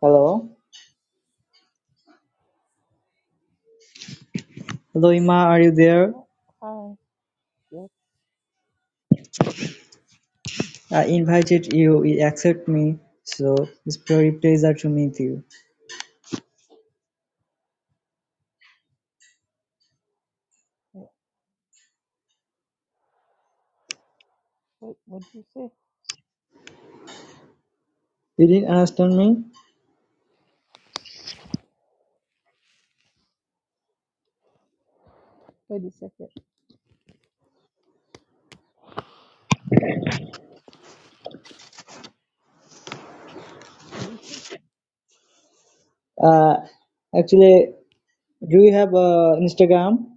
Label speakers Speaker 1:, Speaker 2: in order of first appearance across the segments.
Speaker 1: Hello? Hello, Loima, are you there?
Speaker 2: Oh, hi.
Speaker 1: I invited you, you accept me, so it's very pleasure to meet you.
Speaker 2: Wait, what what do you say?
Speaker 1: You didn't understand me?
Speaker 2: Wait a second. What did you say?
Speaker 1: Uh, actually, do you have uh, Instagram?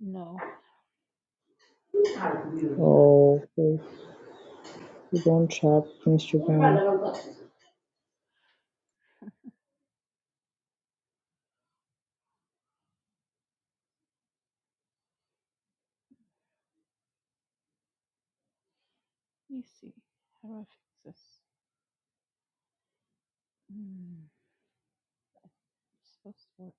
Speaker 2: No, I don't.
Speaker 1: Oh, okay. You don't have Instagram.
Speaker 2: Let me see. How do I fix this? Hmm, it's supposed to work.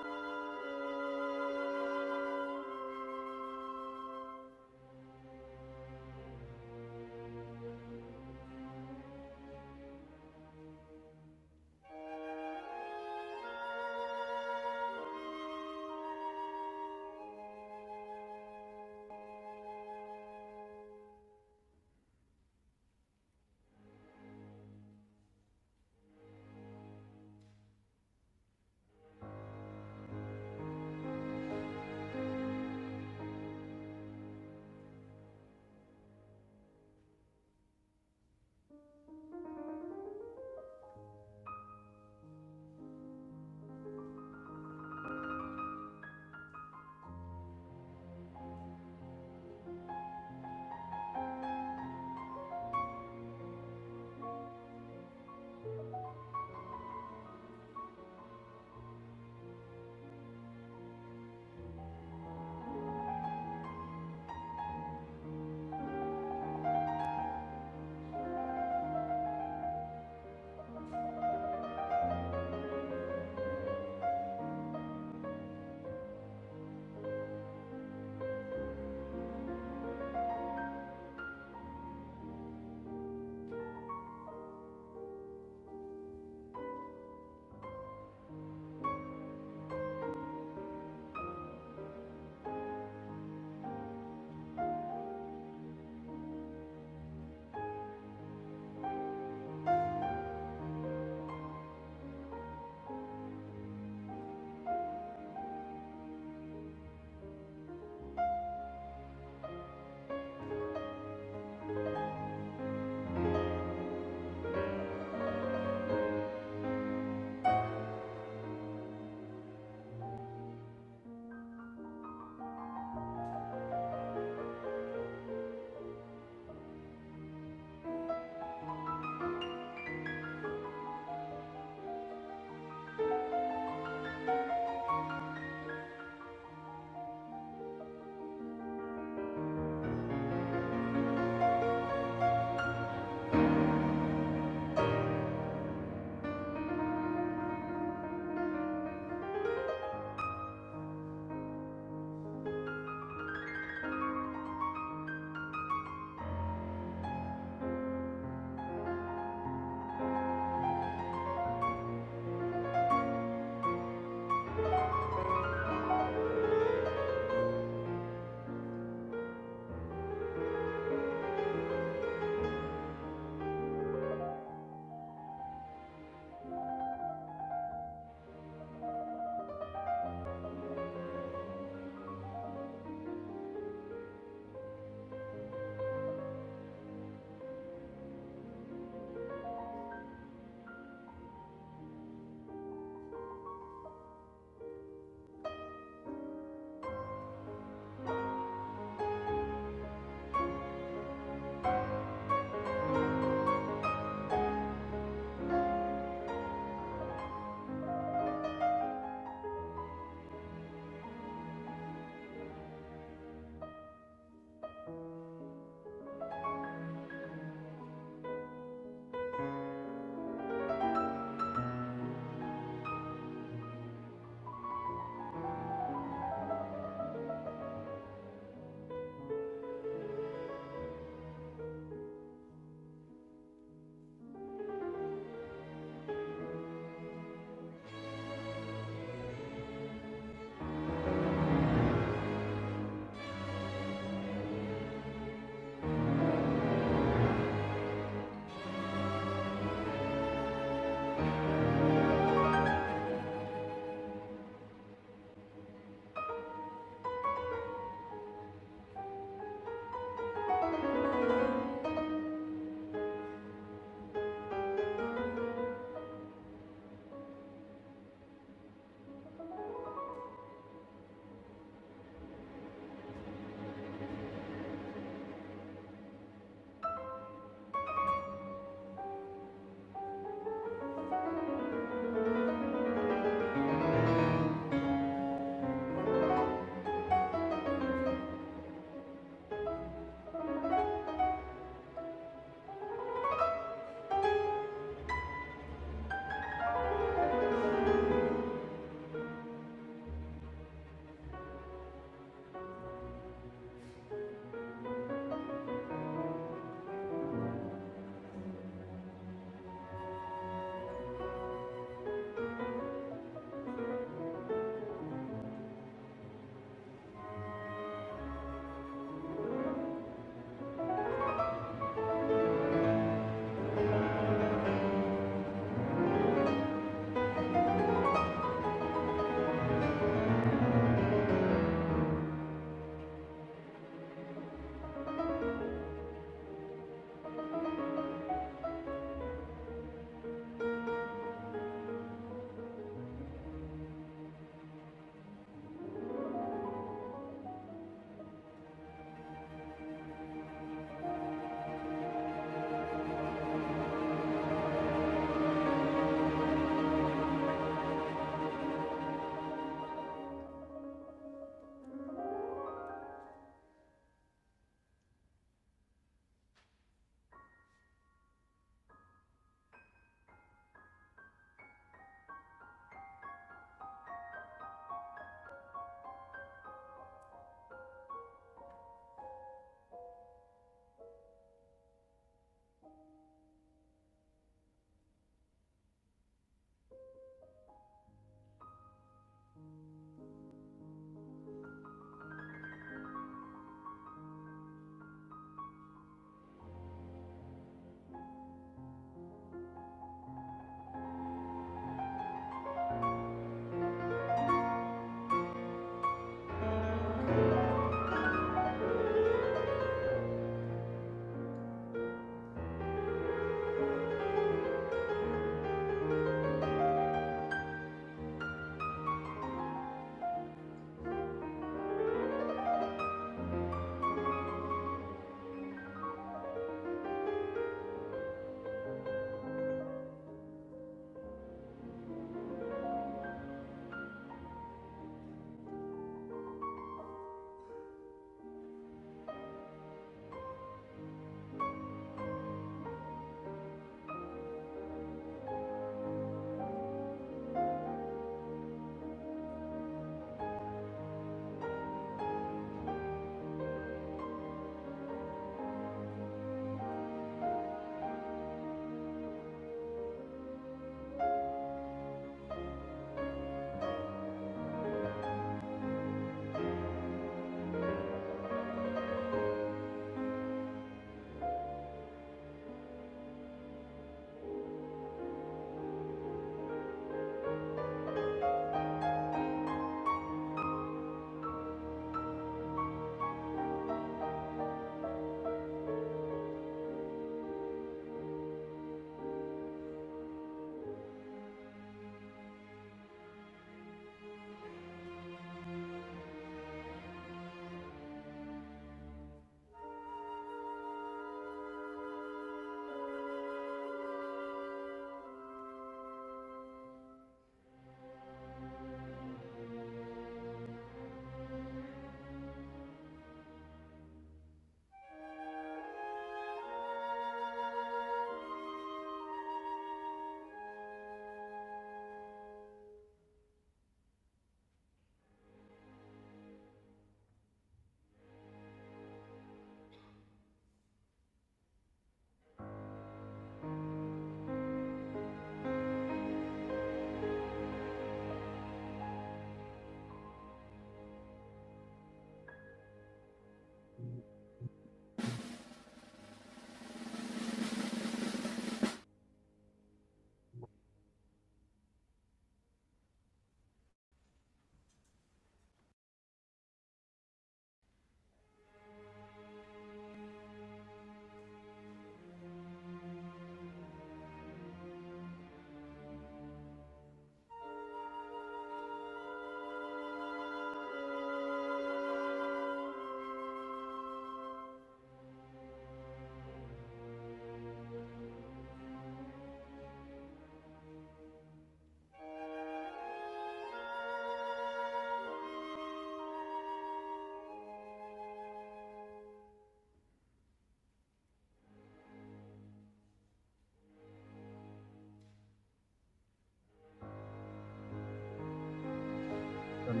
Speaker 3: Hello.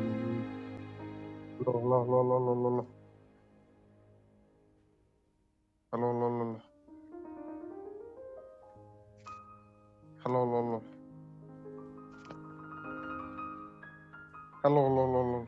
Speaker 3: Hello. Hello. Hello. Hello. Hello. Hello. Hello.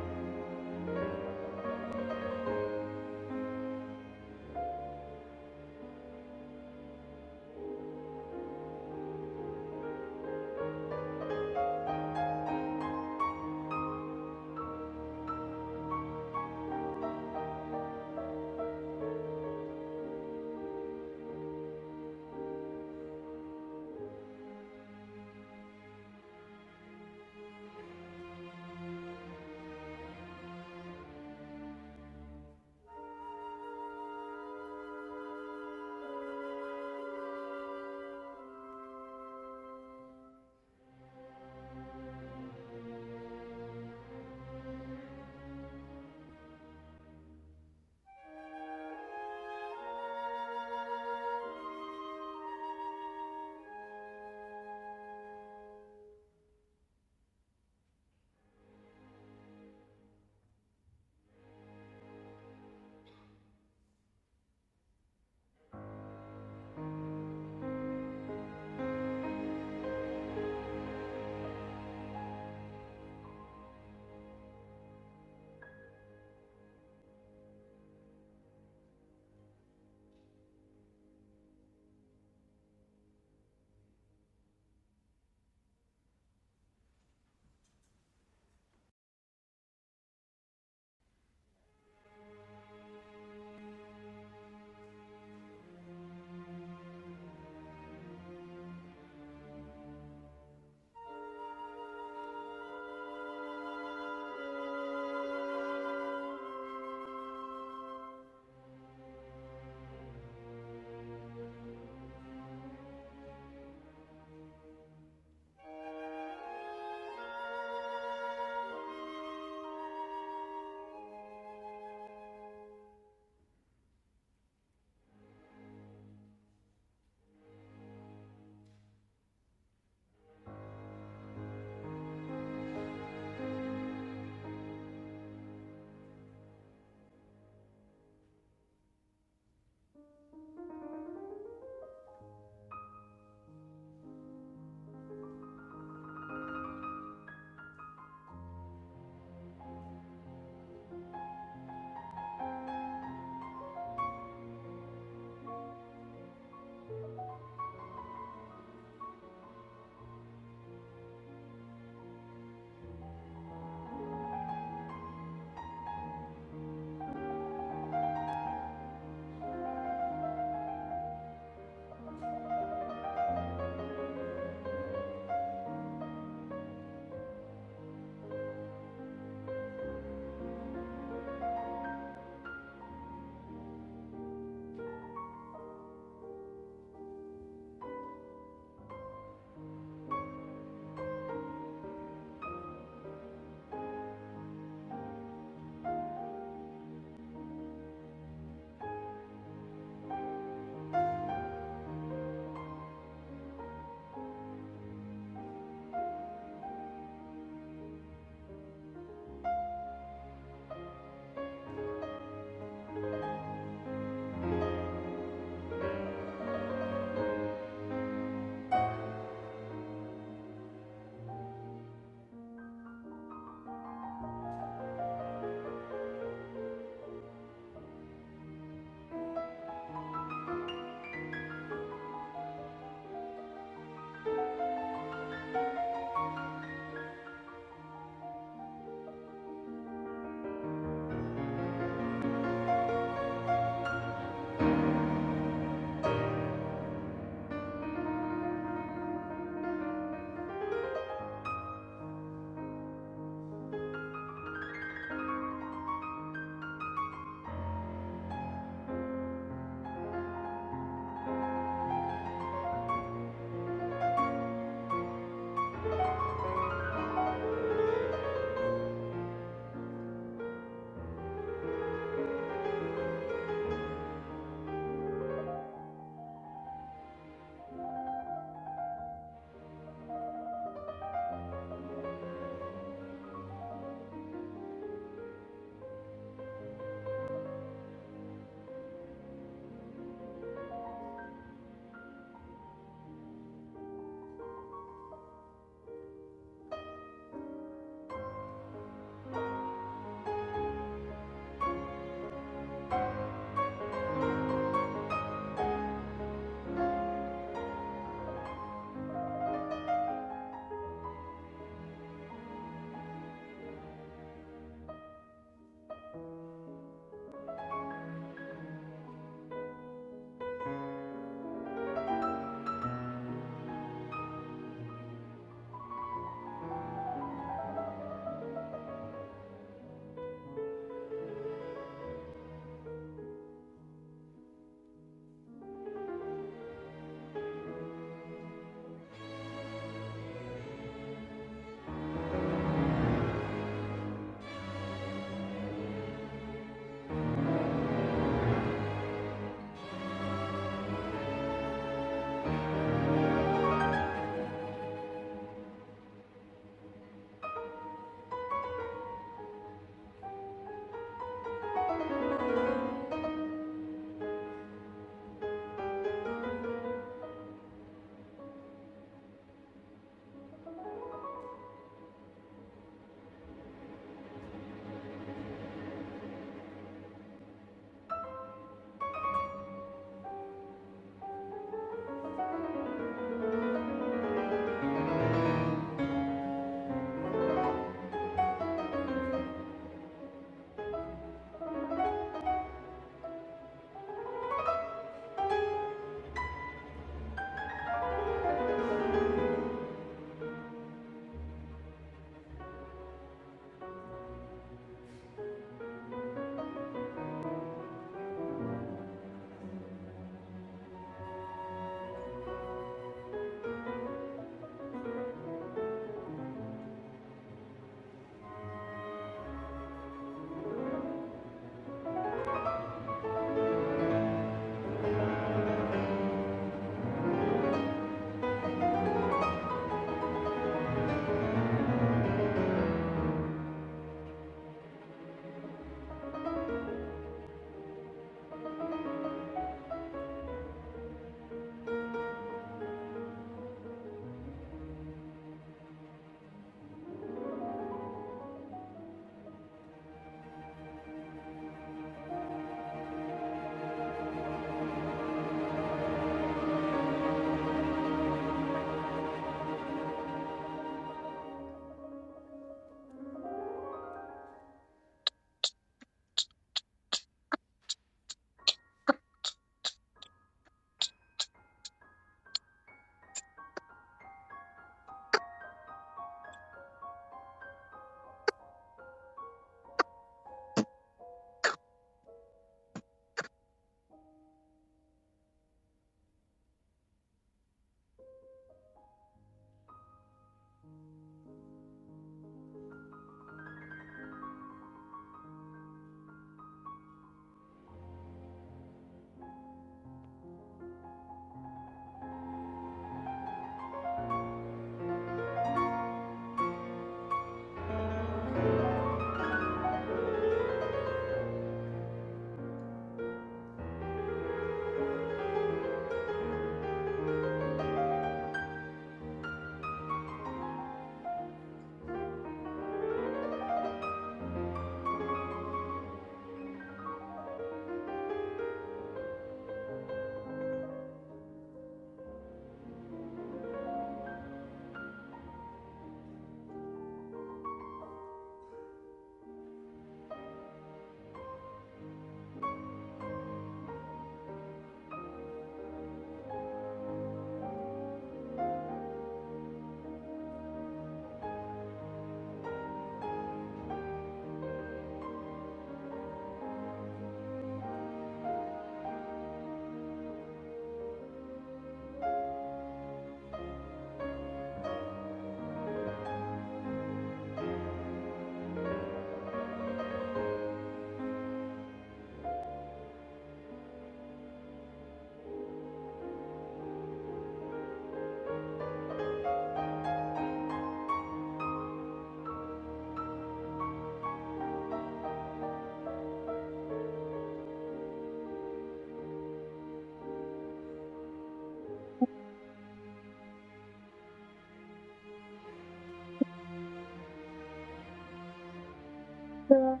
Speaker 4: Well,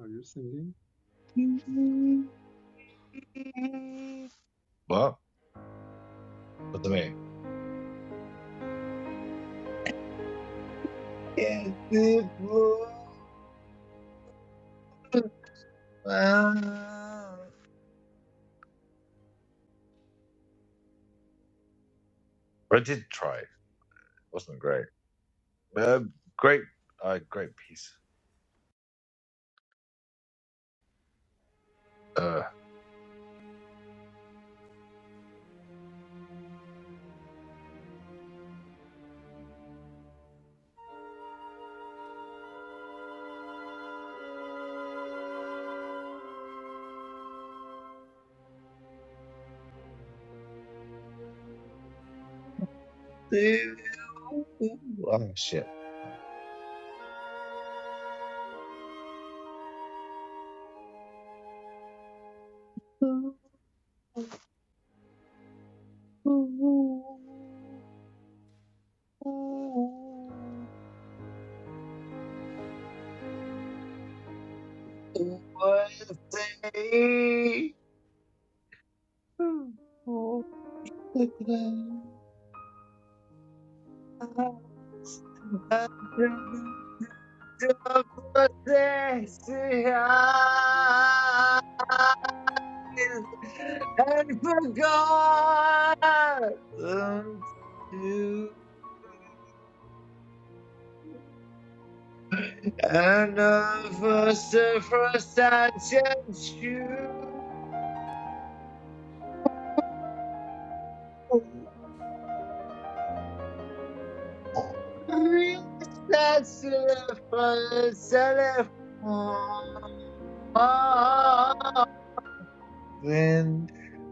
Speaker 5: Are you singing?
Speaker 4: What? What's the name? I did try. It wasn't great. Uh, great, uh, great piece. Uh, oh shit. What say? Oh, the cloud. and forgot unto another circumstance and you. And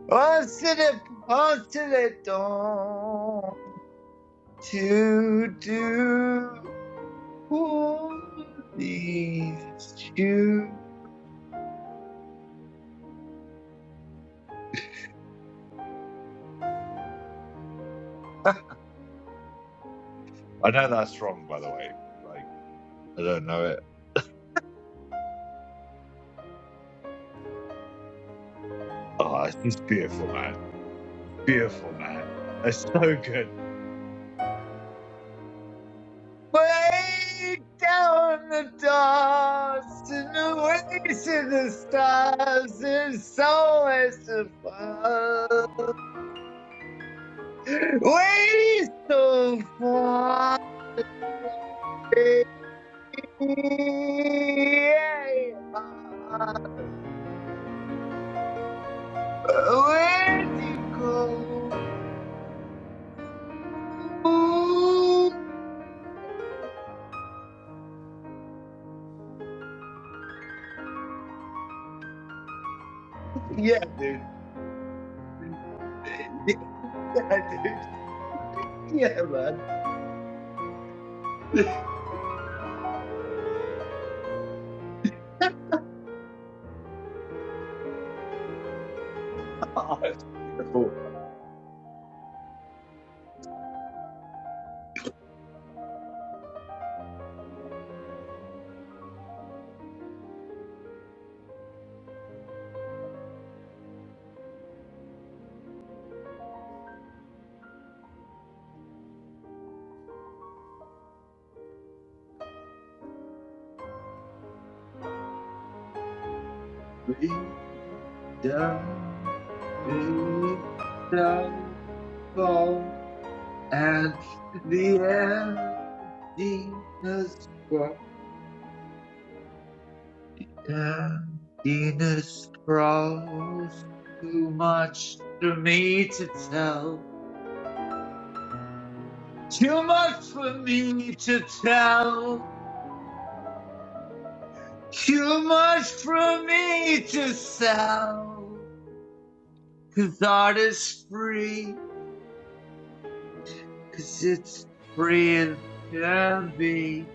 Speaker 4: wasn't it possible to do these shoes? Ah, I know that's wrong, by the way. Like, I don't know it. Oh, it's just beautiful, man. Beautiful, man. It's so good. Way down the doors and away to the stars, there's so much to find. Way so far. where do you go? Yeah, dude. Yeah, dude. Yeah, man. Oh, it's beautiful. Way down, way down. fall and the emptiness cross, emptiness crawls. Too much for me to tell. Too much for me to tell. Too much for me to sell. Cause art is free. Cause it's free as can be.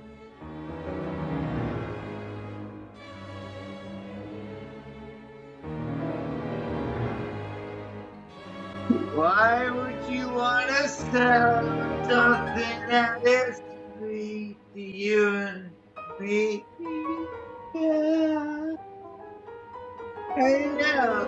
Speaker 4: Why would you want to sell something that is free to you and me? Yeah, I know.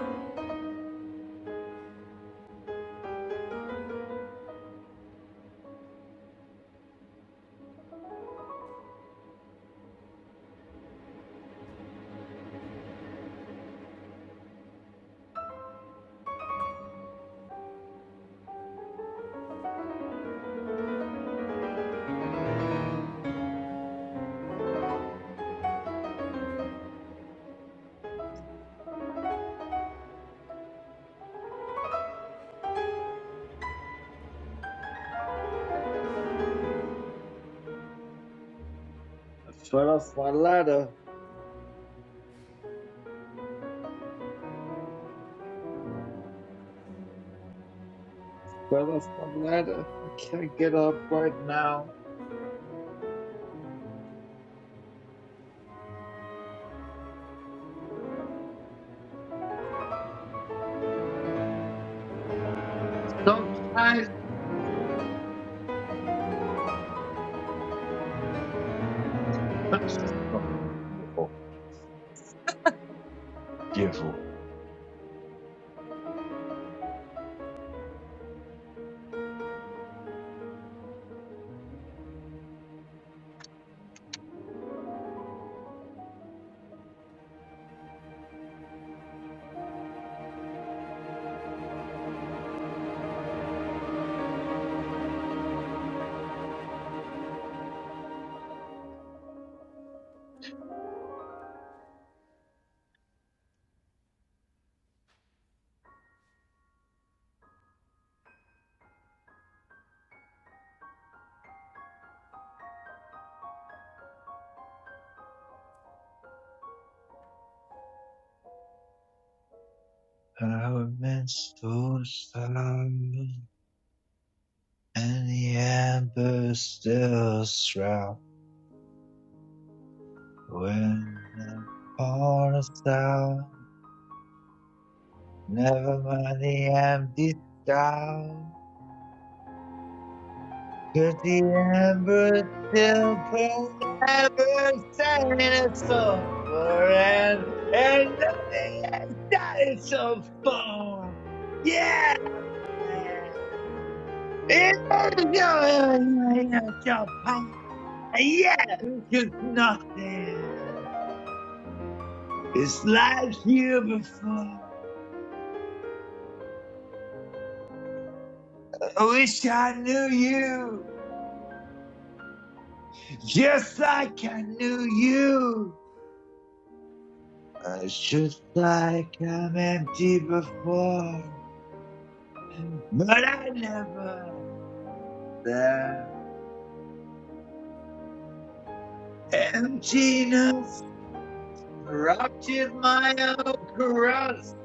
Speaker 4: I fell off my ladder. Fell off my ladder. I can't get up right now. Sometimes it's fucking beautiful. Beautiful. Our immense those stars and the amber still shroud when the heart is out. Never mind the empty stall, 'cause the embers still forever sang a song for and, and nothing has done it so far. Yeah! It is your, it's your power. Yeah! 'Cause nothing is like you before. I wish I knew you, just like I knew you. Uh, It's just like I'm empty before, but I never there. Emptiness corrupted my own crust.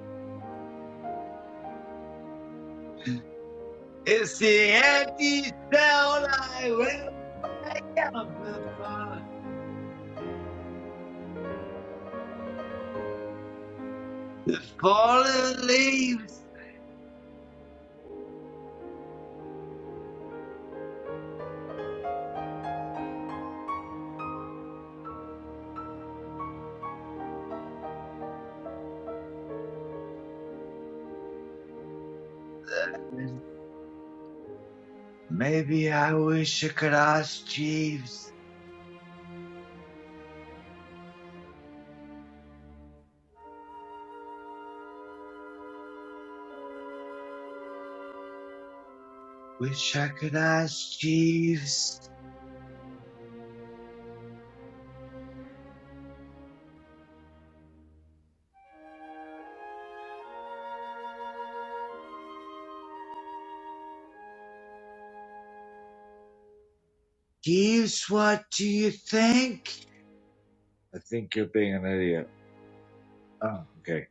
Speaker 4: It's the empty cell I went back out before the fallen leaves. Maybe I wish I could ask Jeeves. Wish I could ask Jeeves. Jeeves, what do you think? I think you're being an idiot. Oh, okay.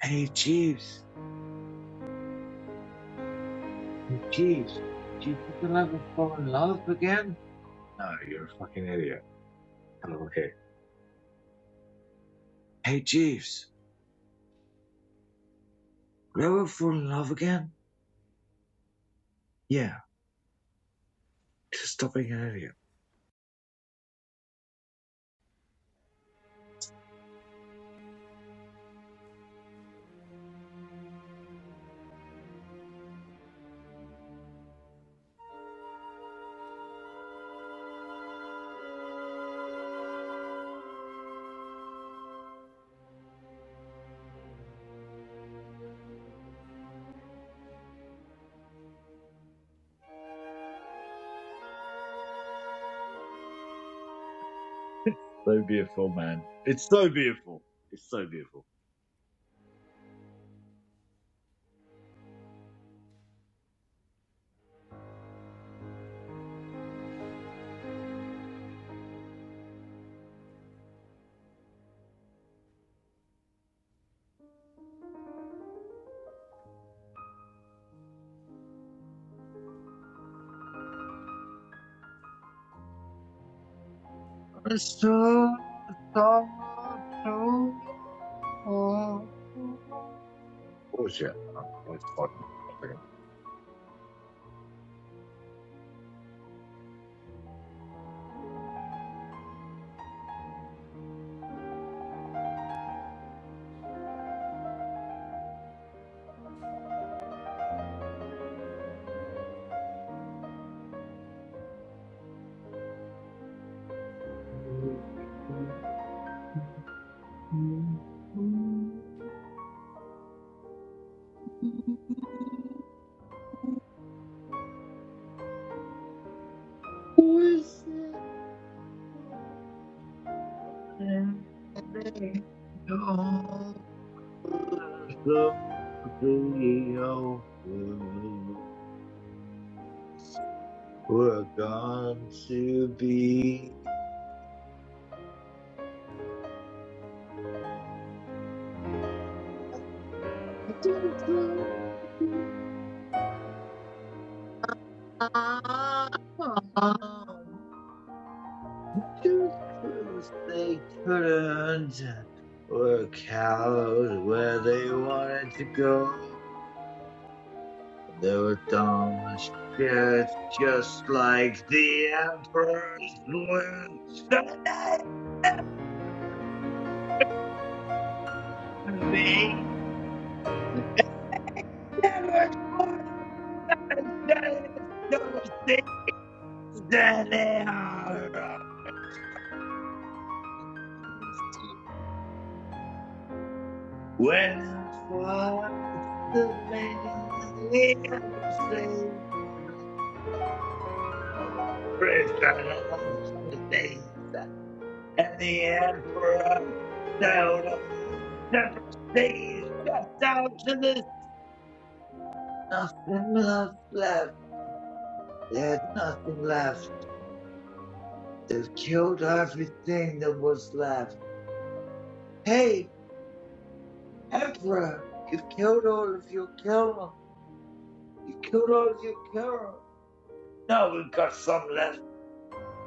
Speaker 4: Hey, Jeeves. Hey, Jeeves. Do you think you'll ever fall in love again? No, you're a fucking idiot. Oh, okay. Hey, Jeeves. Will you ever fall in love again? Yeah. Just stop being an idiot. So beautiful, man. It's so beautiful. It's so beautiful. It's so, so, so beautiful. Oh, shit. I'm always fucking. one second. And they don't look real good. We're going to be just like mom. Just 'cause they couldn't work out where they wanted to go. They were dumb as shit, just like the Emperor's be never understand those things that they are. wrong. When I saw the man sing praise God on the days and the emperor down the prestige just out to this nothing left left. They nothing left. They've killed everything that was left. Hey, Ezra, you killed all of your Carol. You killed all of your Carol. No, we've got some left.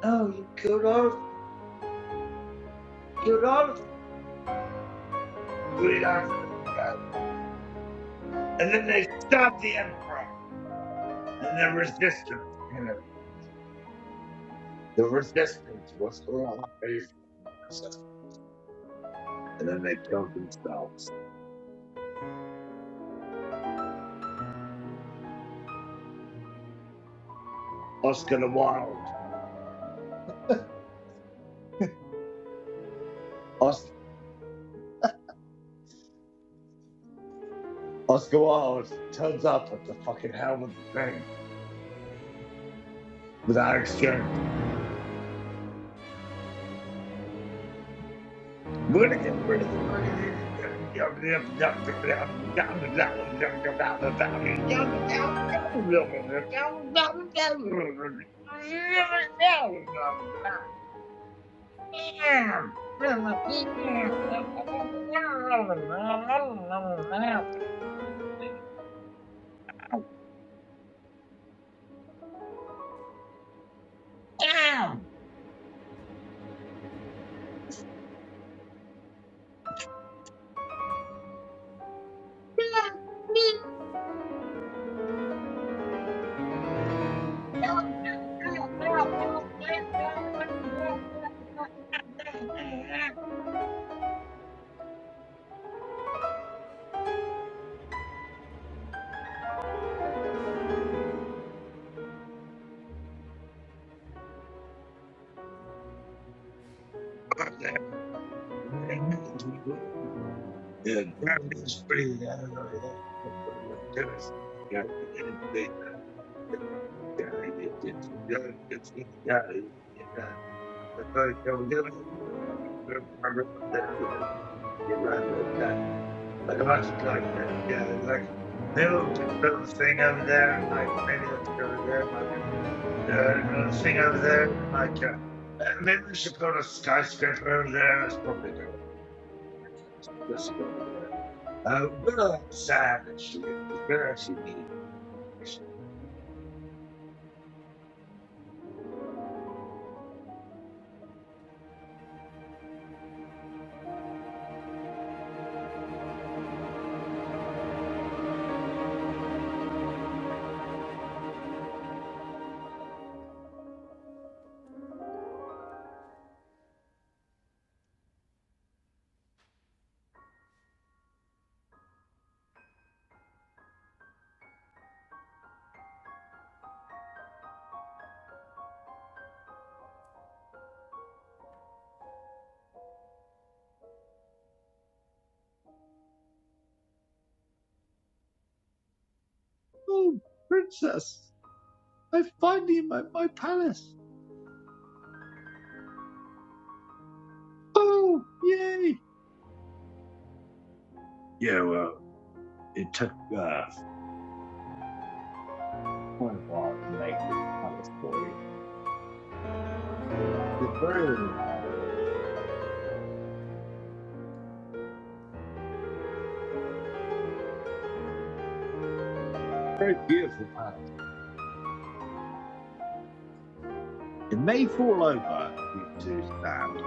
Speaker 4: No, you killed all of killed all of we got And then they stabbed the emperor and the resistance. you know, The resistance was all based on the resistance. And then they killed themselves. Oscar the Wild. Os- Oscar Wilde turns up at the fucking helm of the thing without exchange. We're gonna get rid of the fucking Yeah, that is pretty. yeah, I don't know. You know look what it would do is, yeah, I think it'd be that guy, it- it- yeah, it's it's a good guy, yeah. I thought, you know, give it- give it a there, give it- give it that- that- Like a bunch of like that, yeah, like maybe we'll pick a little thing over there and like maybe let's go over there and like uh, yeah, a thing over there and like uh, uh, maybe we should put a skyscraper over there. That's probably a good idea. That's a good idea. Uh, we're sad actually, because we're actually meeting with Oh, princess, I find you at my palace. Oh, yay. Yeah, well, it took uh, quite a while to make this palace for you. It's a very, uh, very beautiful palace. It may fall over due to sand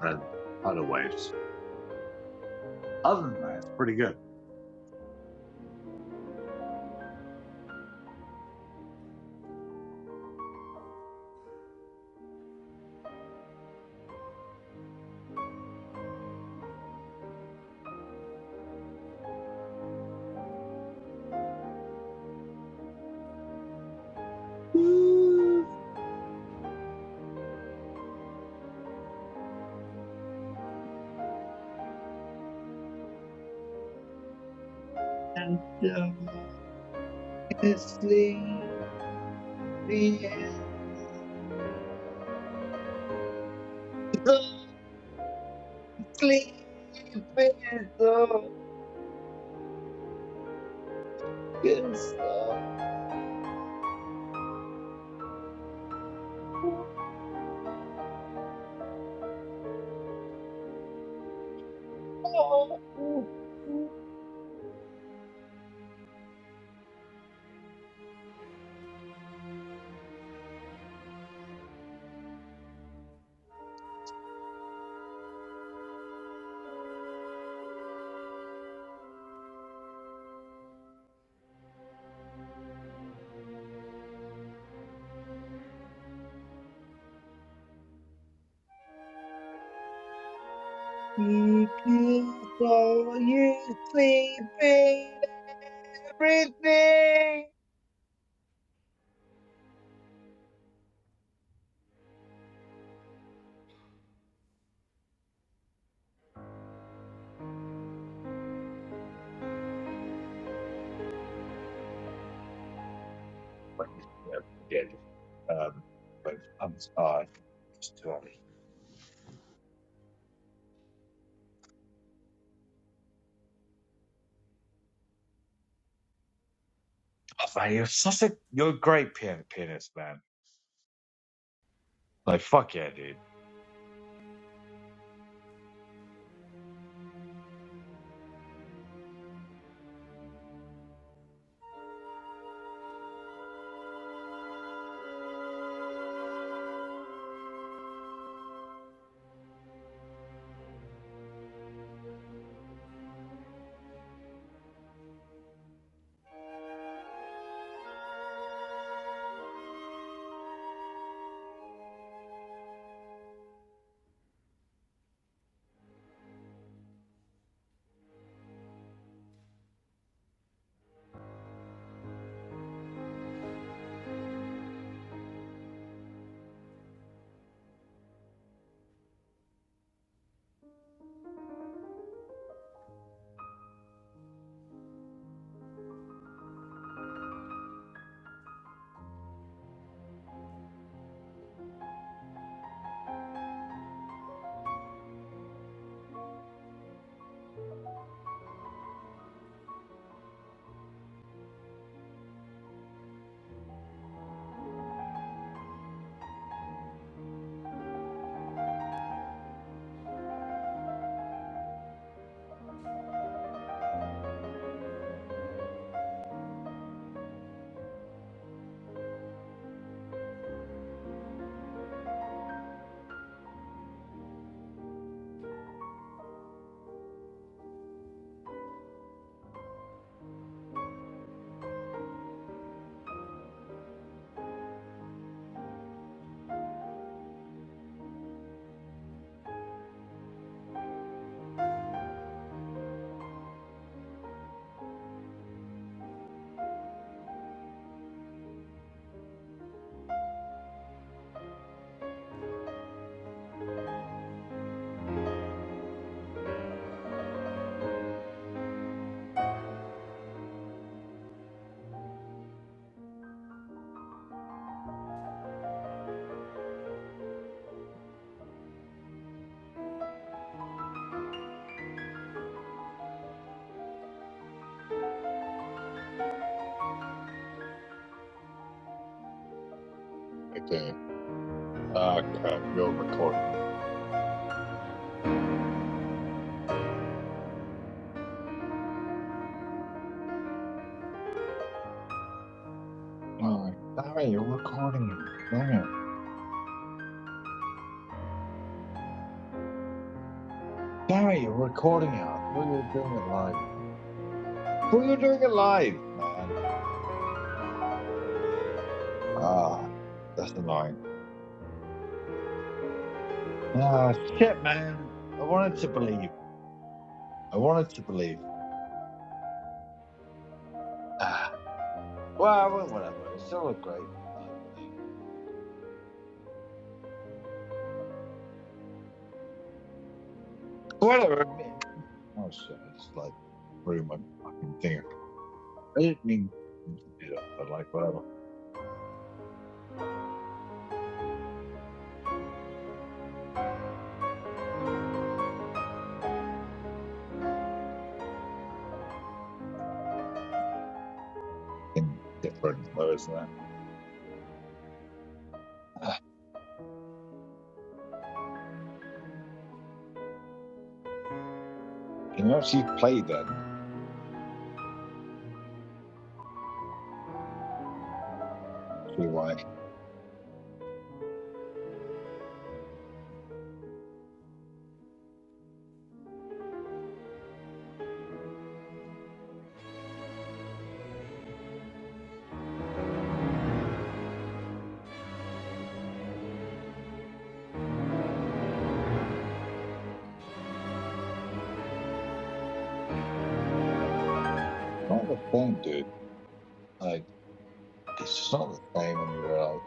Speaker 4: and other waves. Other than that, it's pretty good. Ooh, and uh, sleepy, sleepy, is so kiss her. He kissed all you sleeping everything. But yeah, I did. Um, but I'm Just tell me. Oh, man, you're such a you're a great pian- pianist, man. Like fuck yeah, dude. Okay. Uh, uh, you're recording. Oh, damn it, you're recording it. Damn it. Damn it, you're recording it. I thought you were doing it live, man. I thought you were doing it live, man. Ah, that's annoying. Ah, shit, man. I wanted to believe. I wanted to believe. Ah, well, well, whatever. It's still a great like thing. Whatever. I mean, oh shit! I just like threw my fucking thing. I didn't mean to do that, but like whatever. Fucking different though, isn't it? Ah, Can you actually play then? See why? Not the same, dude. Like it's just not the same when you realize.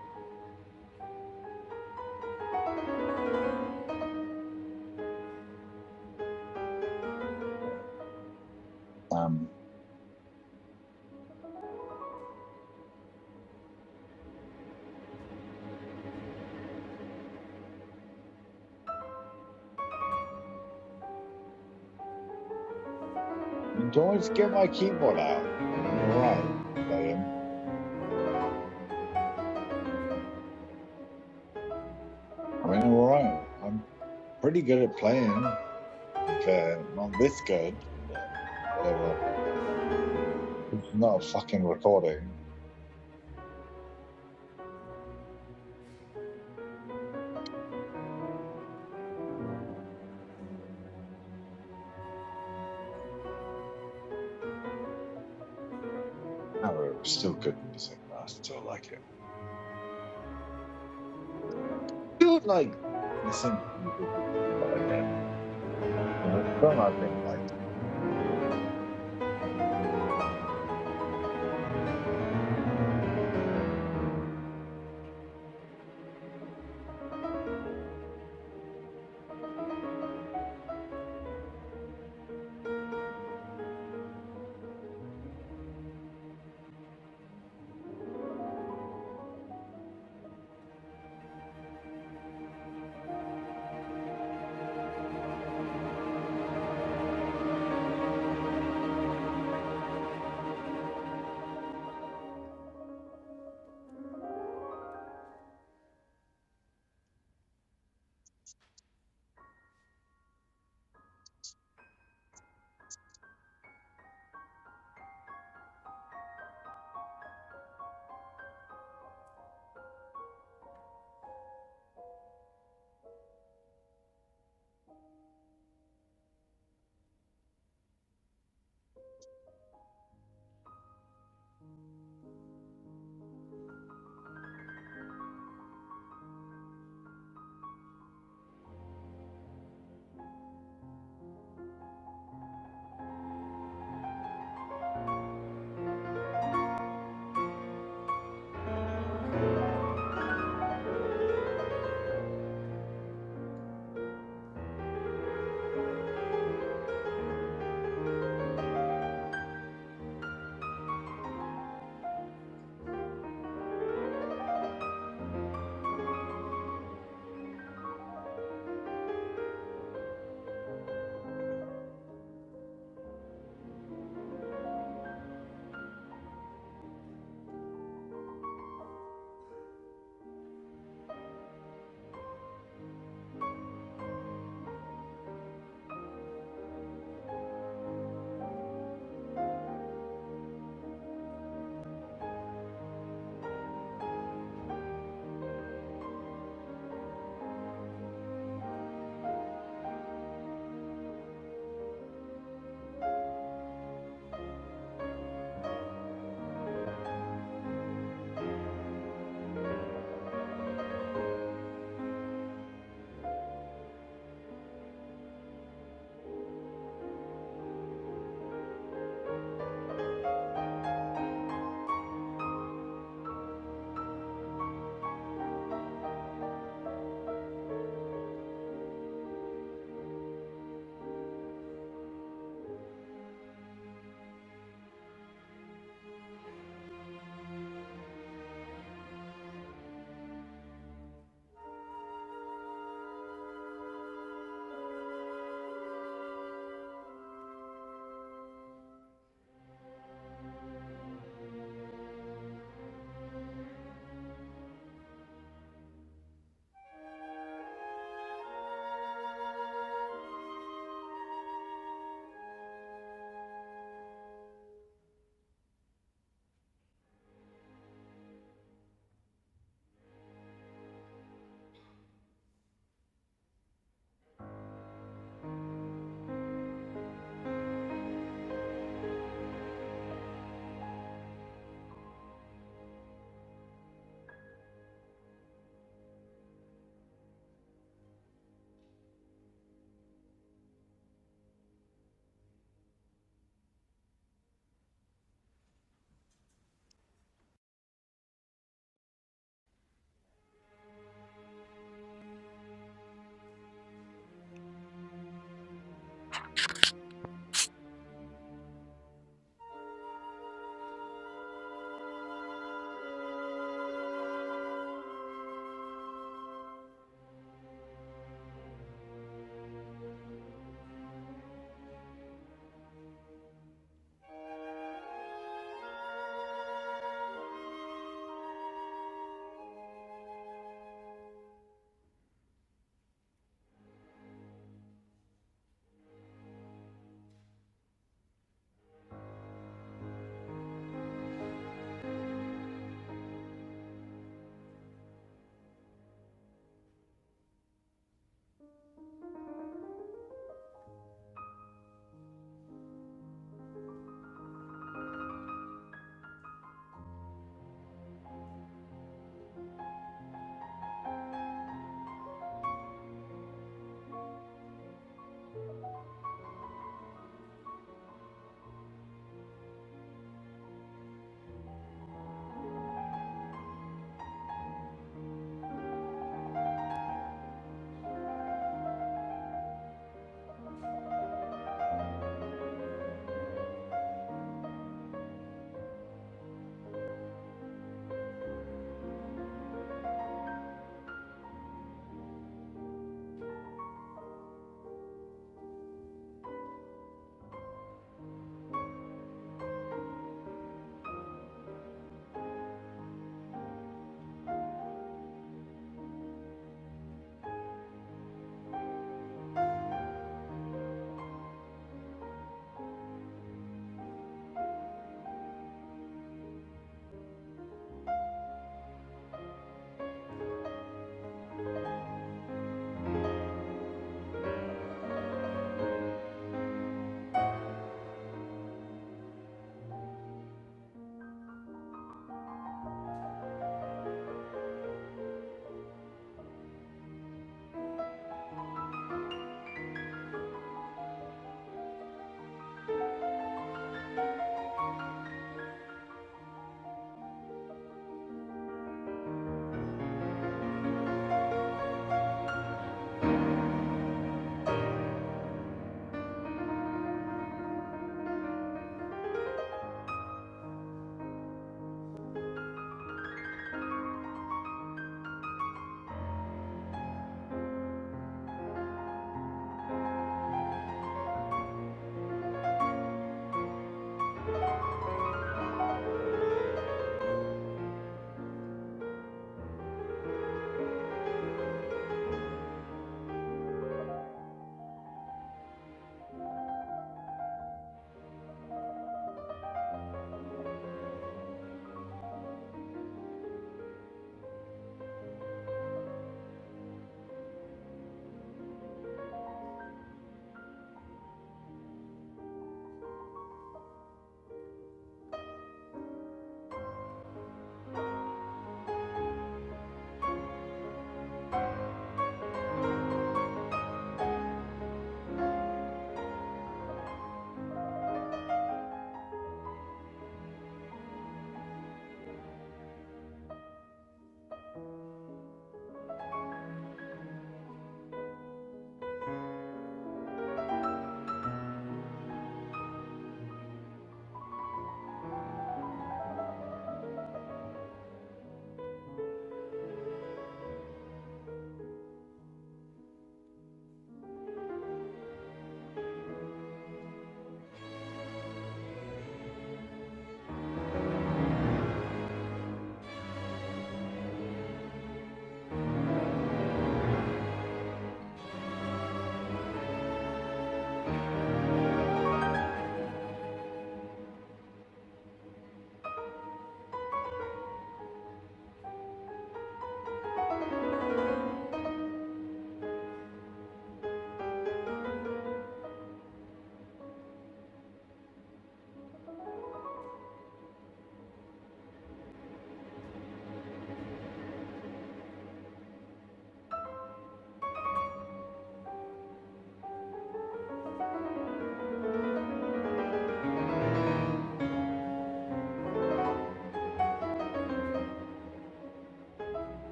Speaker 4: Um, do you want me to get my keyboard out? I mean, I'm all right. Saying, I mean, all right. pretty good at playing, but not this good. But whatever. It's not a fucking recording. However, it was still good music. I still like it. Still like listening to music with people like that. So I don't know, I've been like.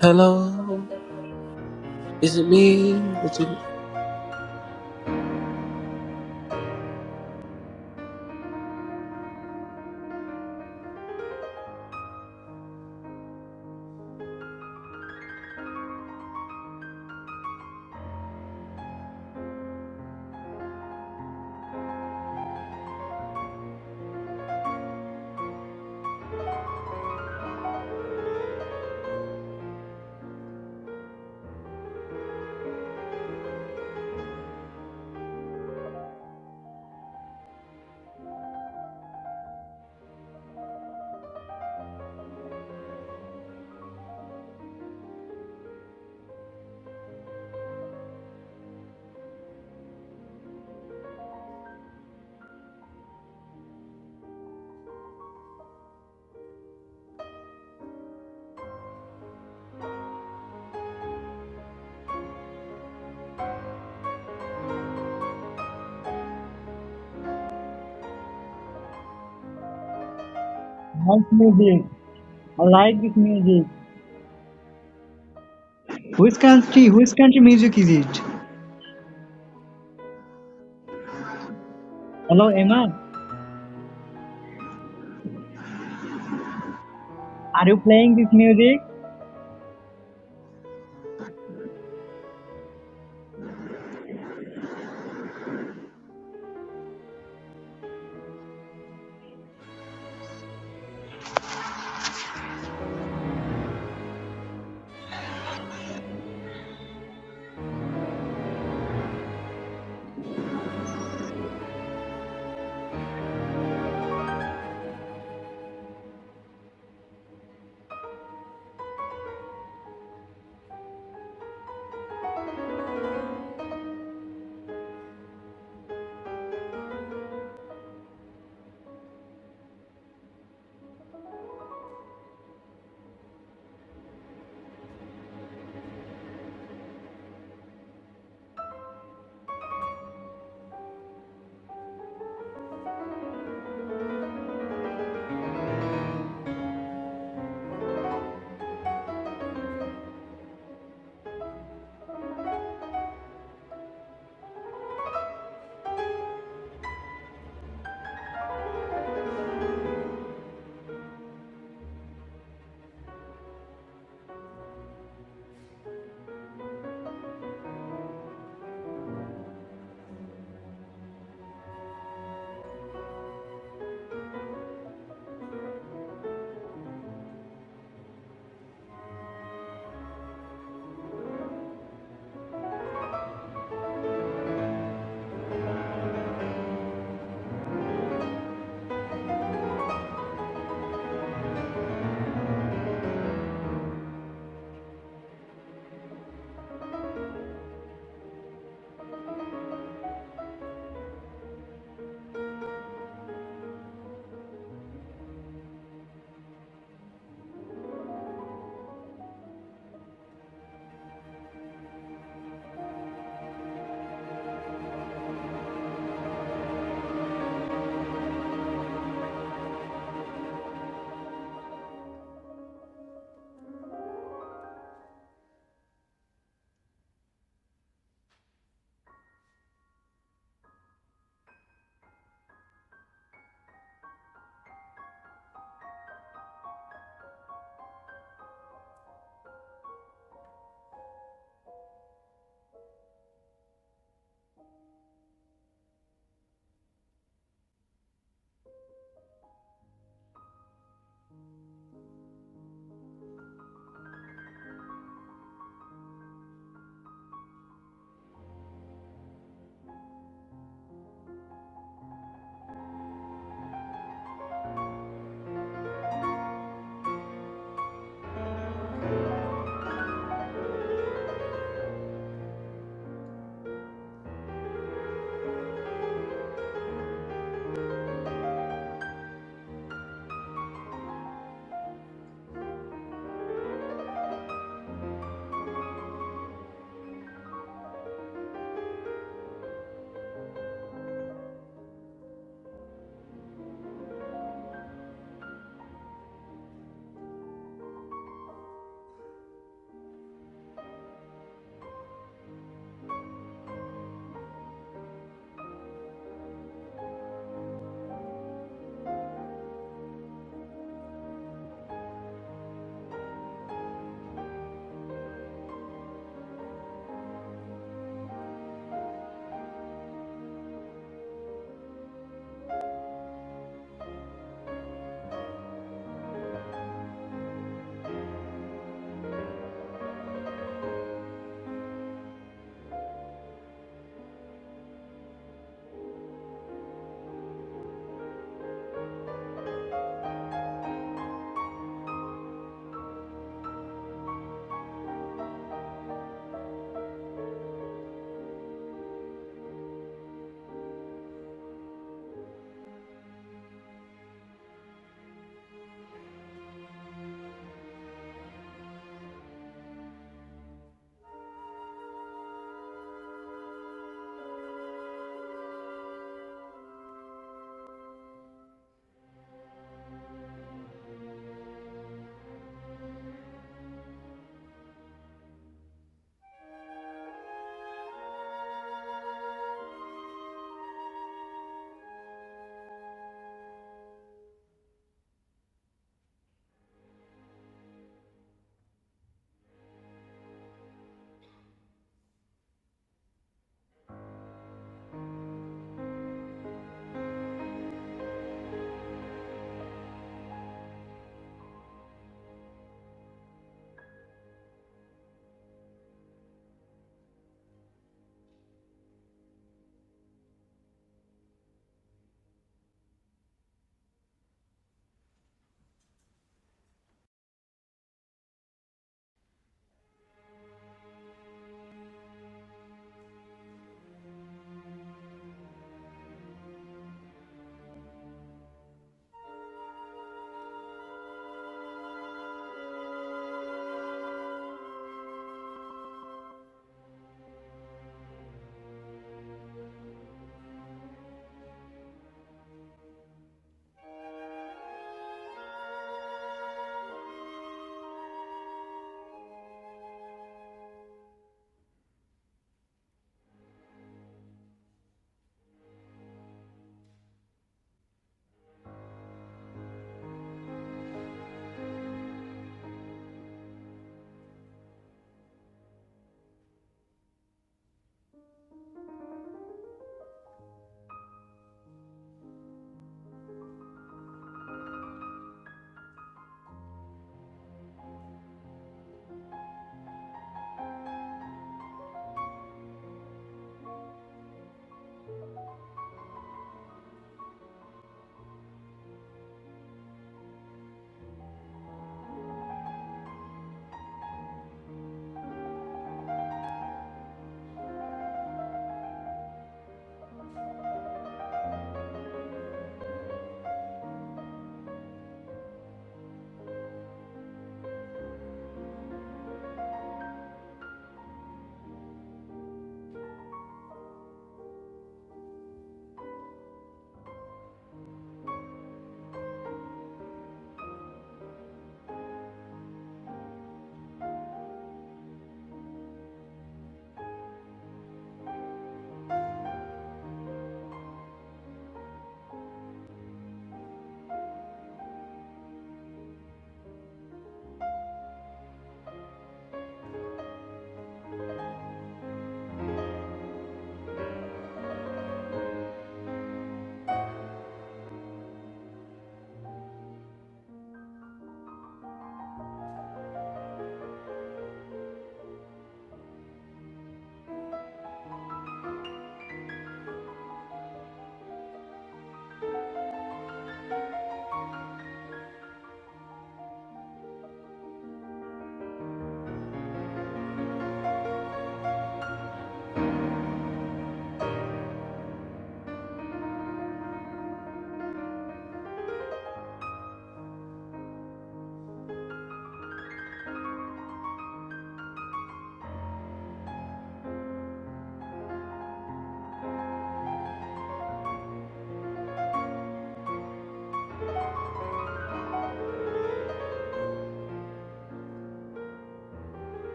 Speaker 6: Hello, is it me? Is it
Speaker 1: What music. I like this music. Which country? Which country music is it? Hello, Emma. Are you playing this music?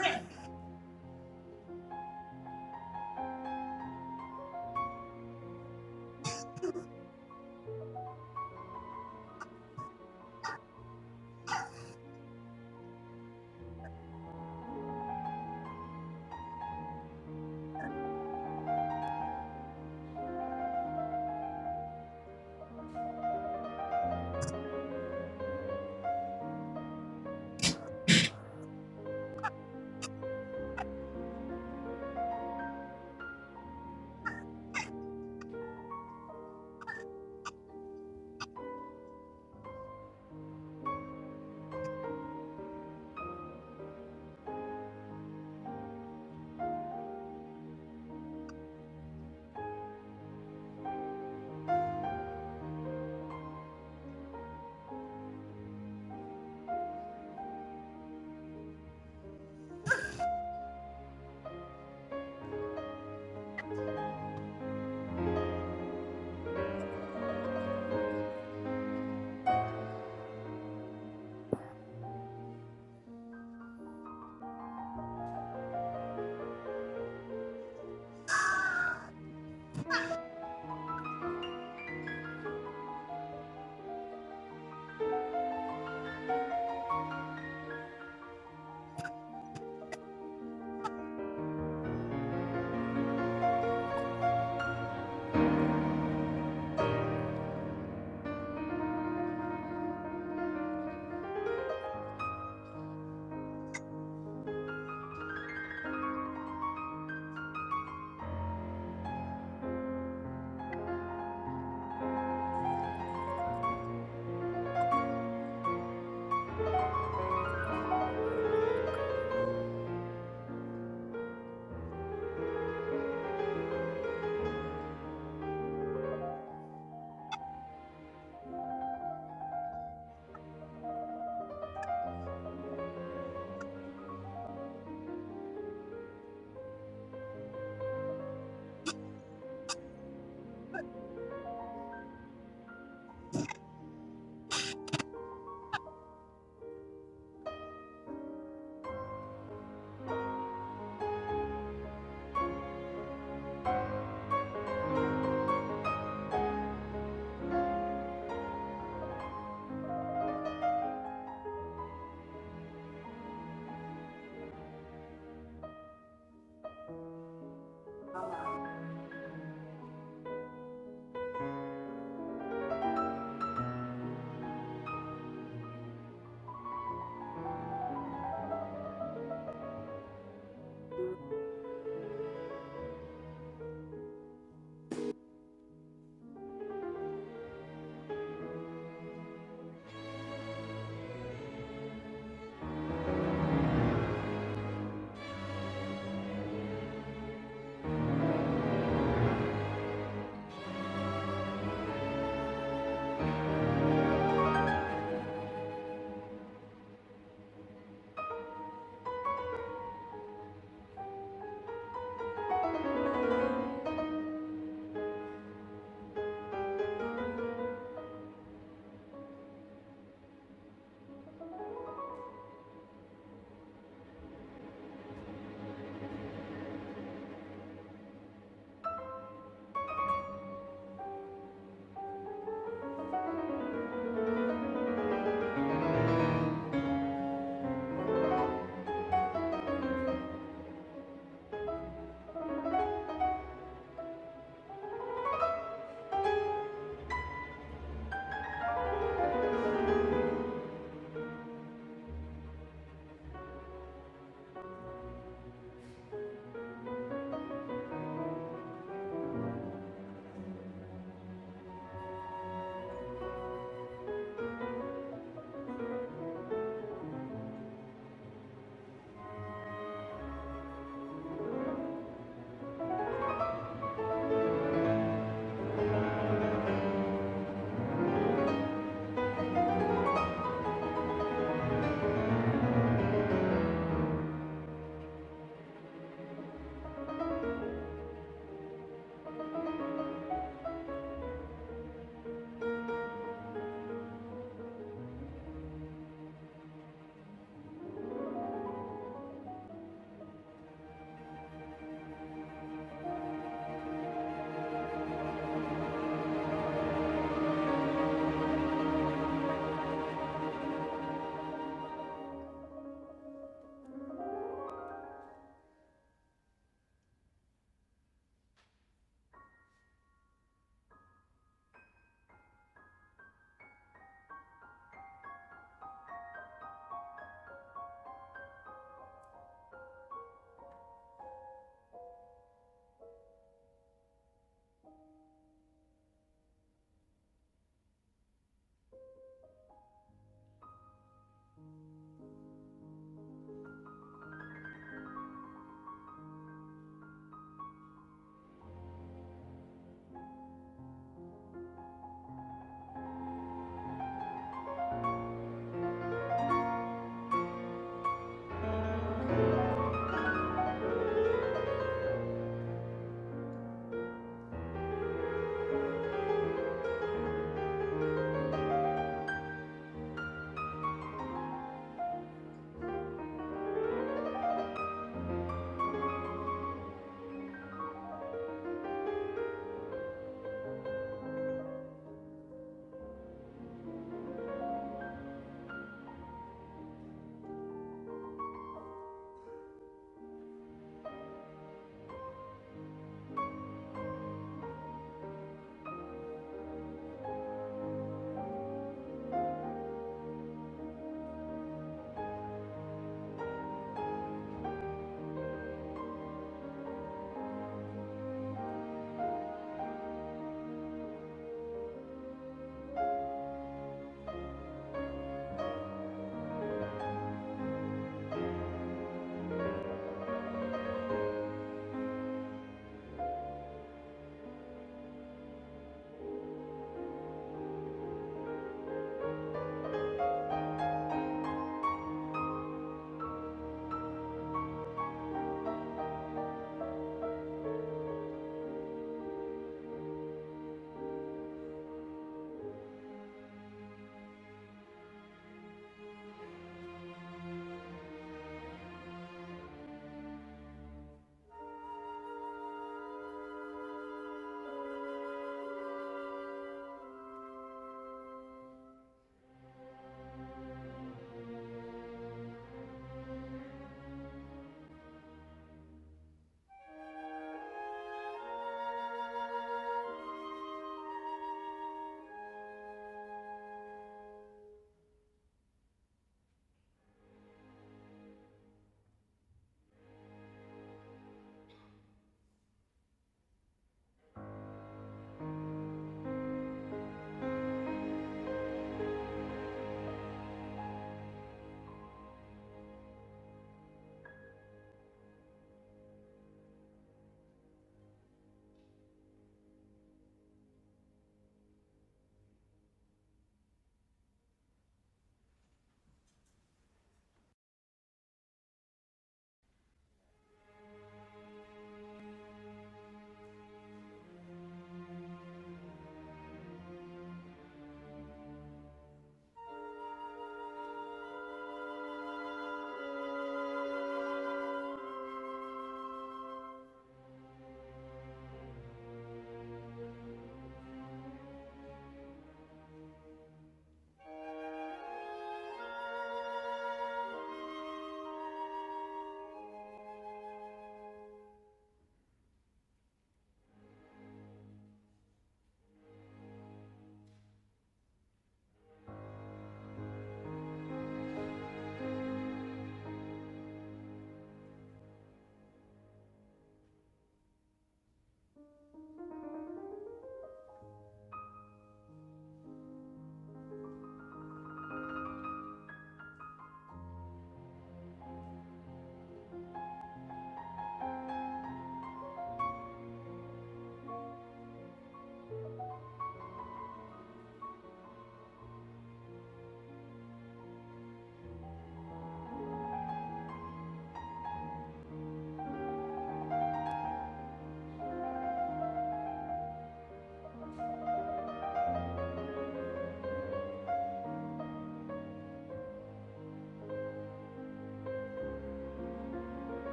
Speaker 7: Yeah.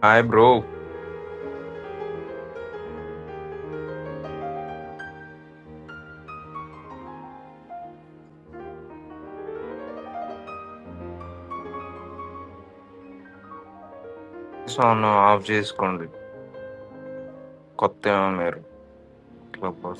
Speaker 8: Hi bro, This Focus on off చేసుకుంది కొత్త మీరు club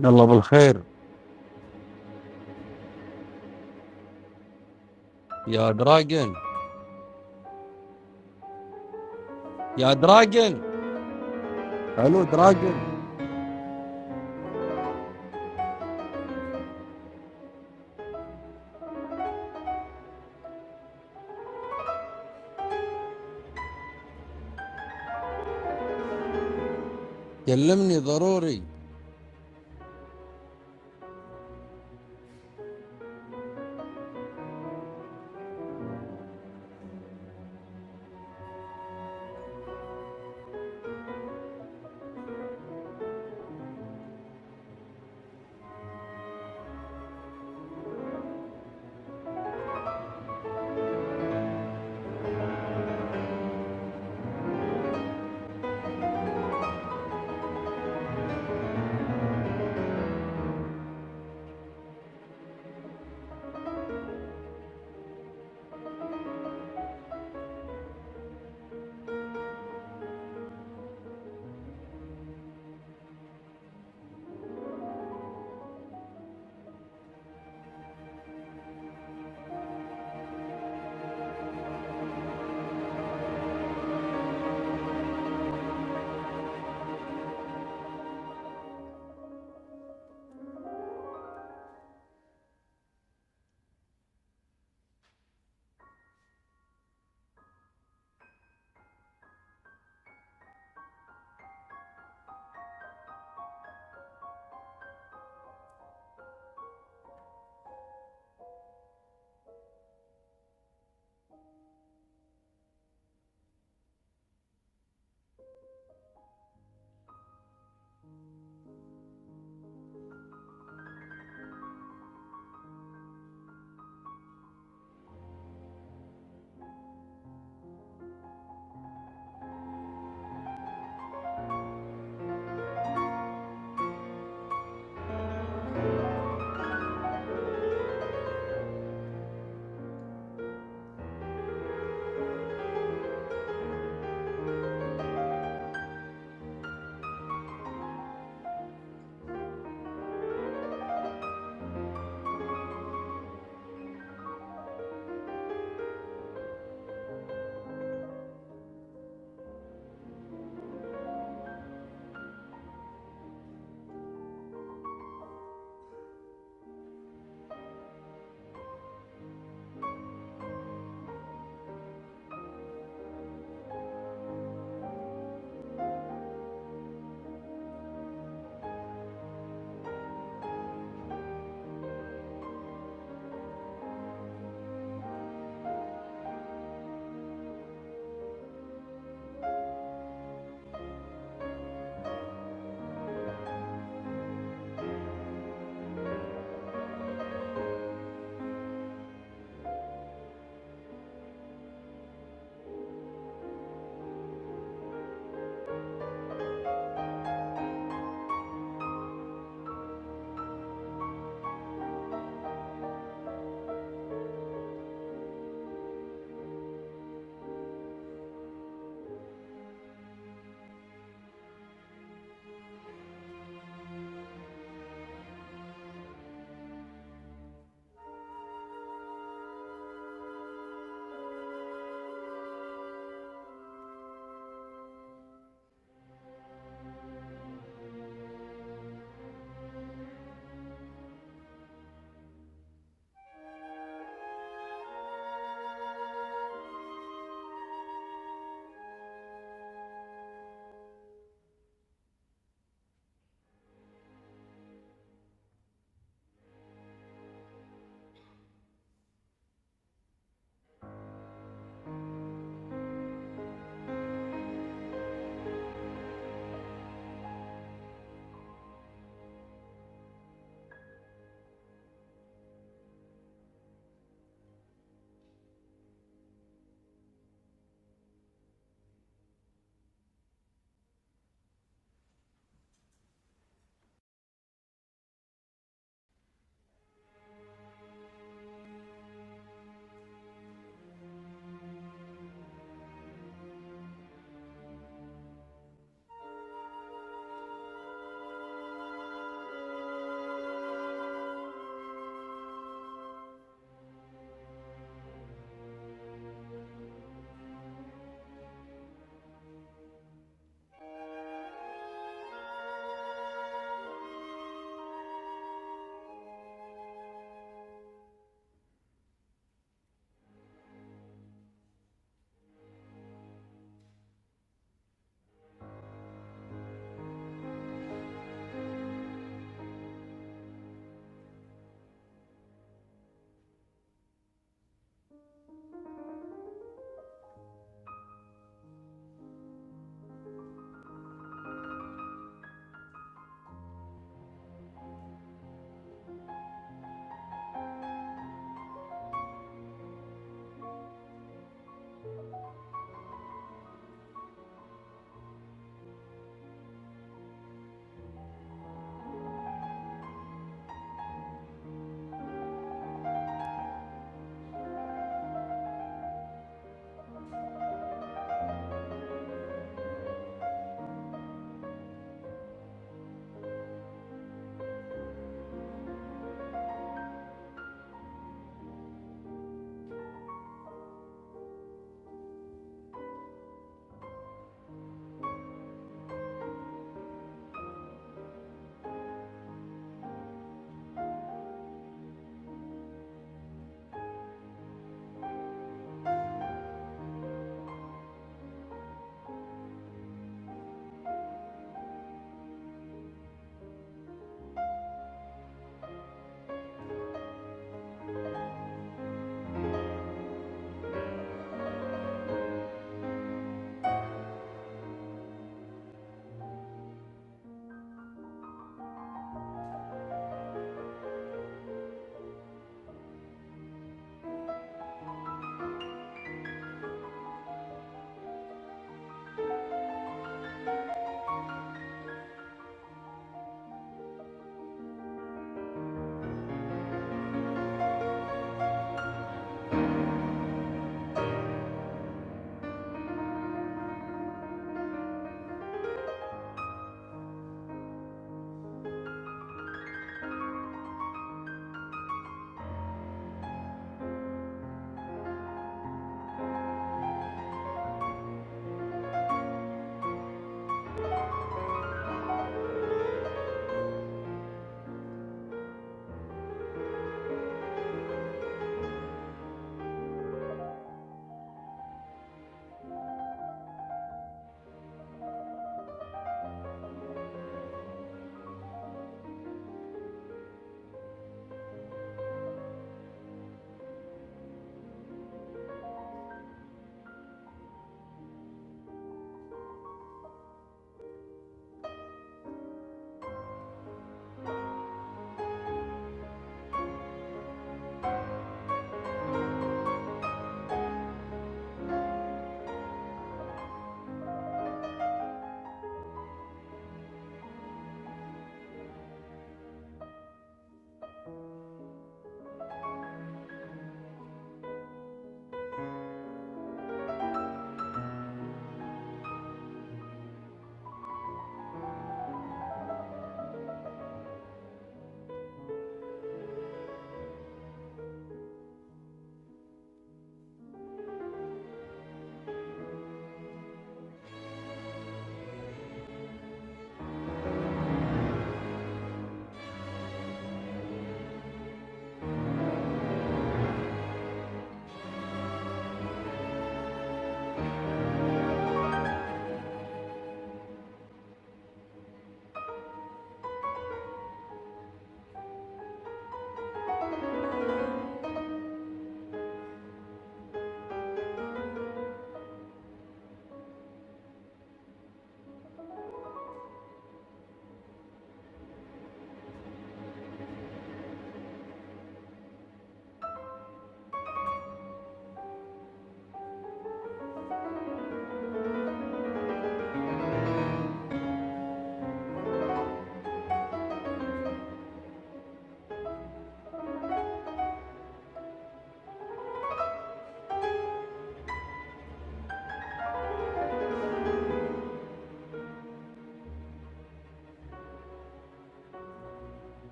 Speaker 9: يلا بالخير يا دراجن يا دراجن الو دراجن كلمني ضروري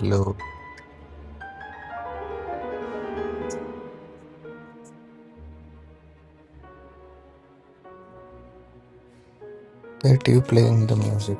Speaker 10: Look at you playing the music.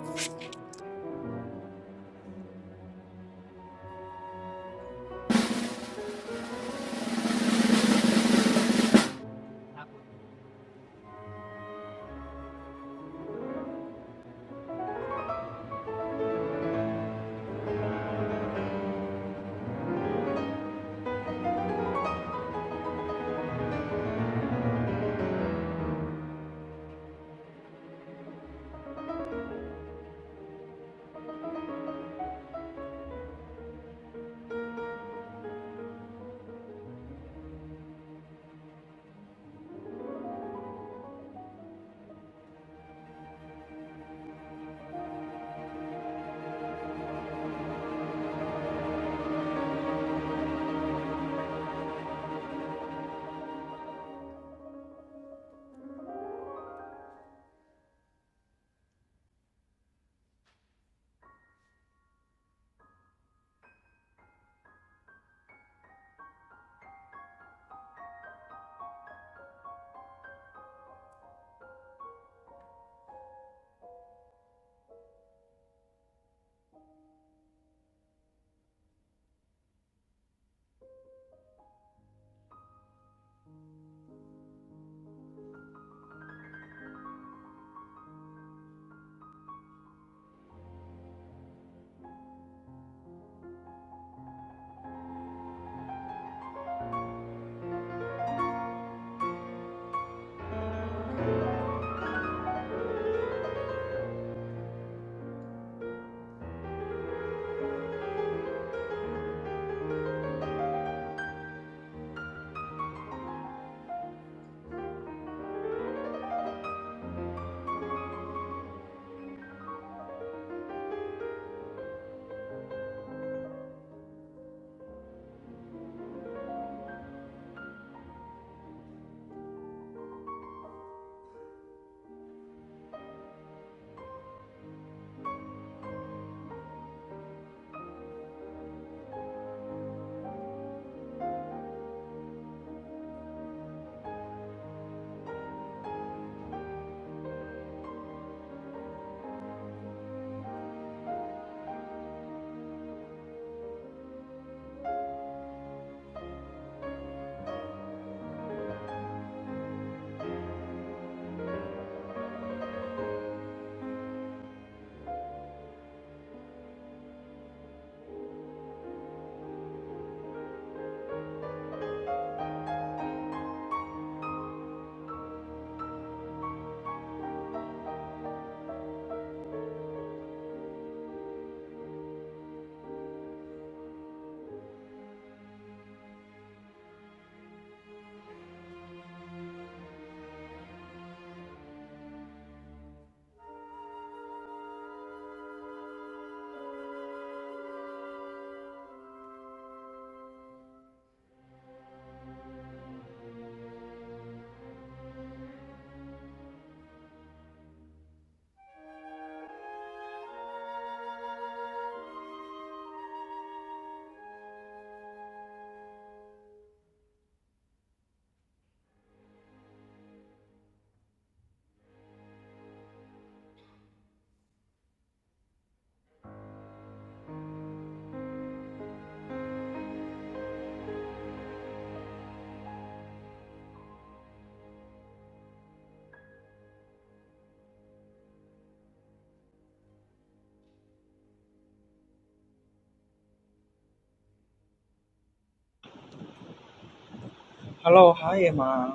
Speaker 11: Hello, hi Emma.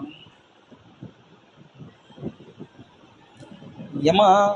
Speaker 11: Emma,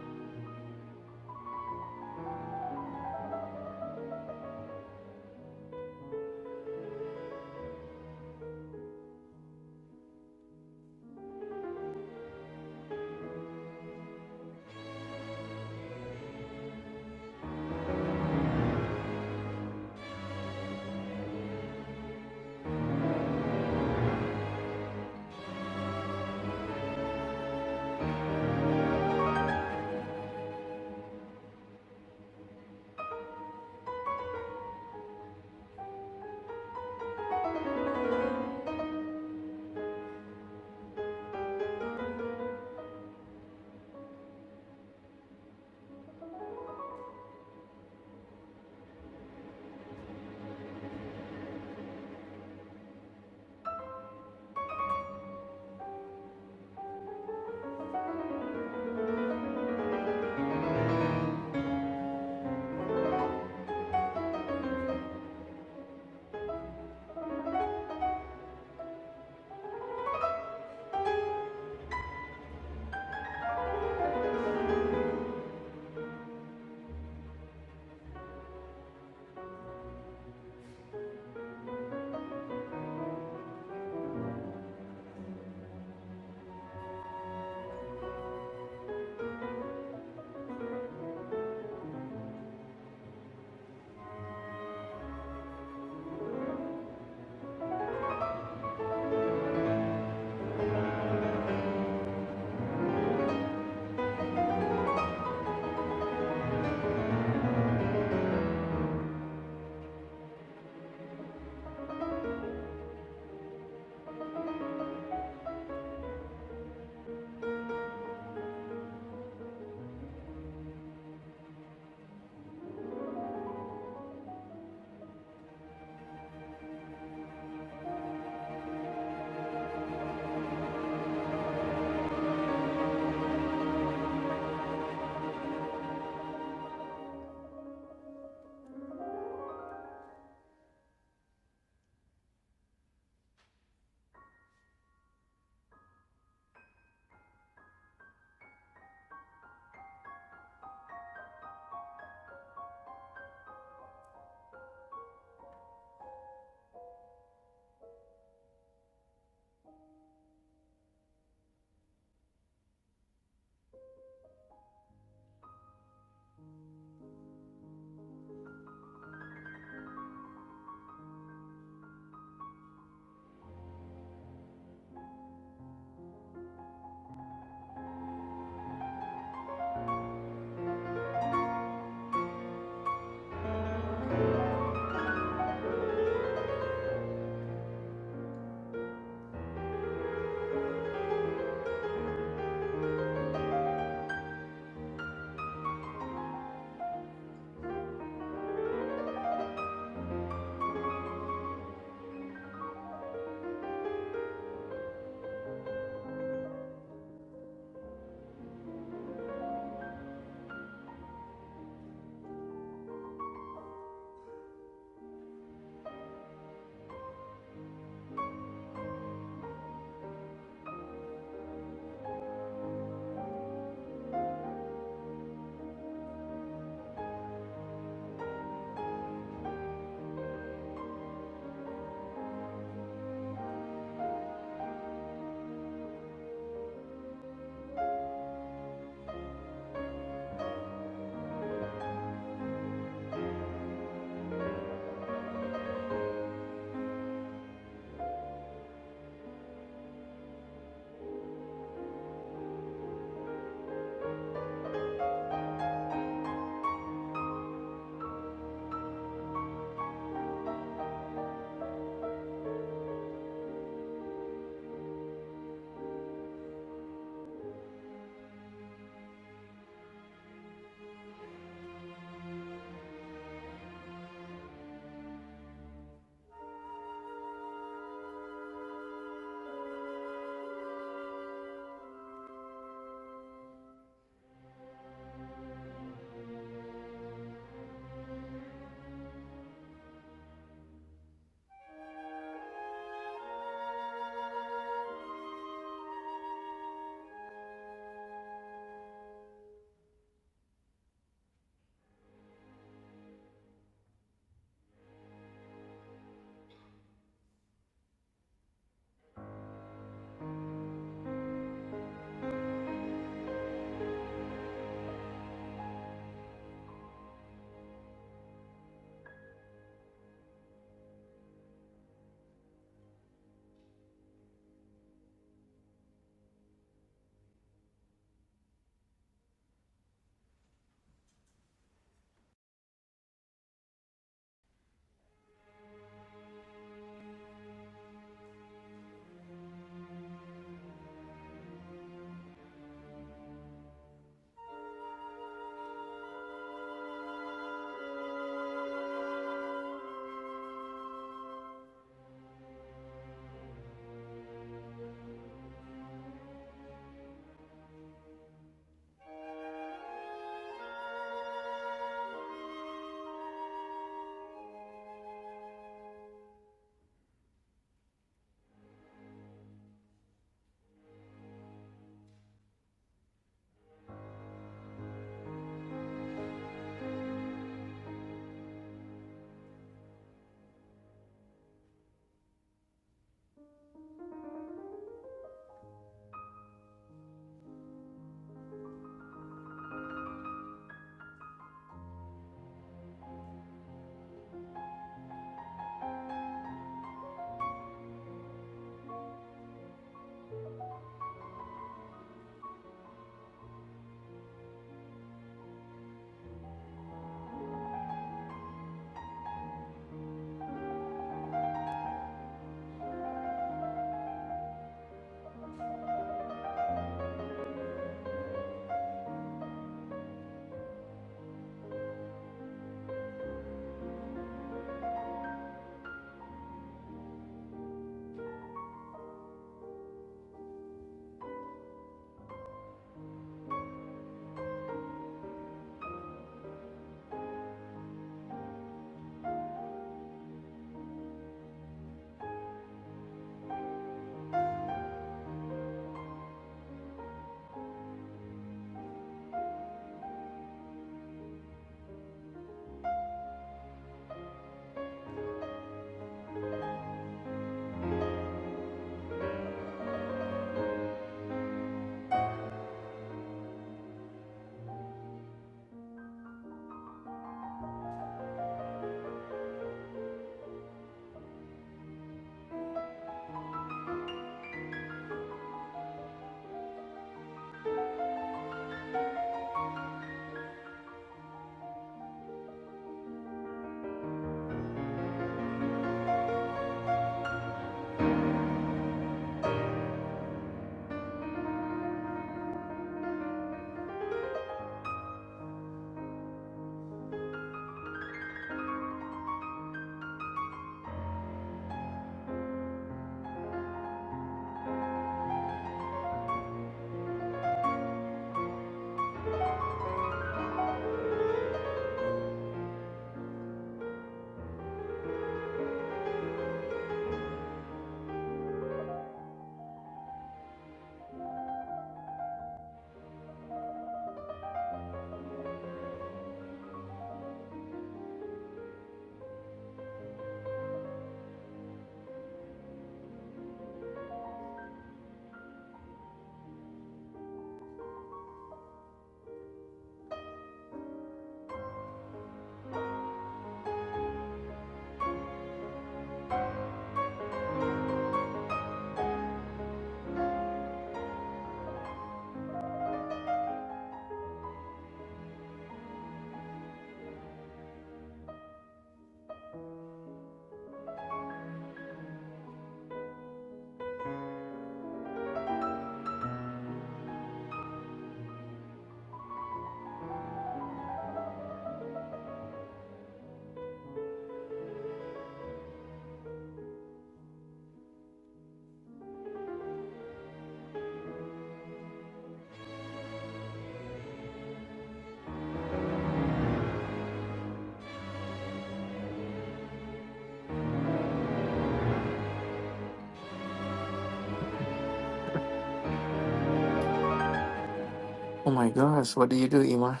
Speaker 12: Oh my gosh, what do you do, Ima?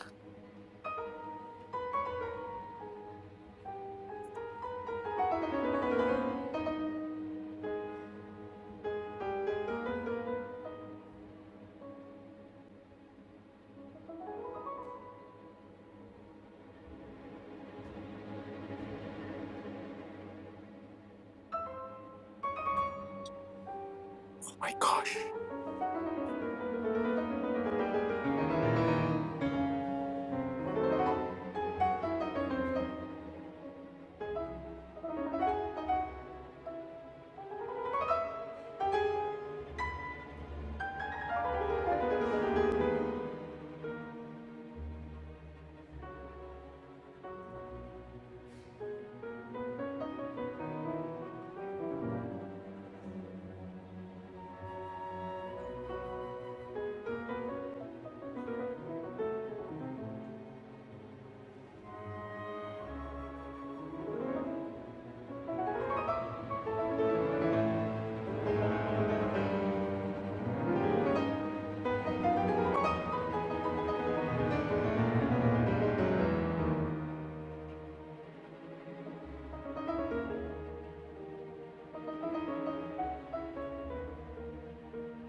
Speaker 12: Oh my gosh.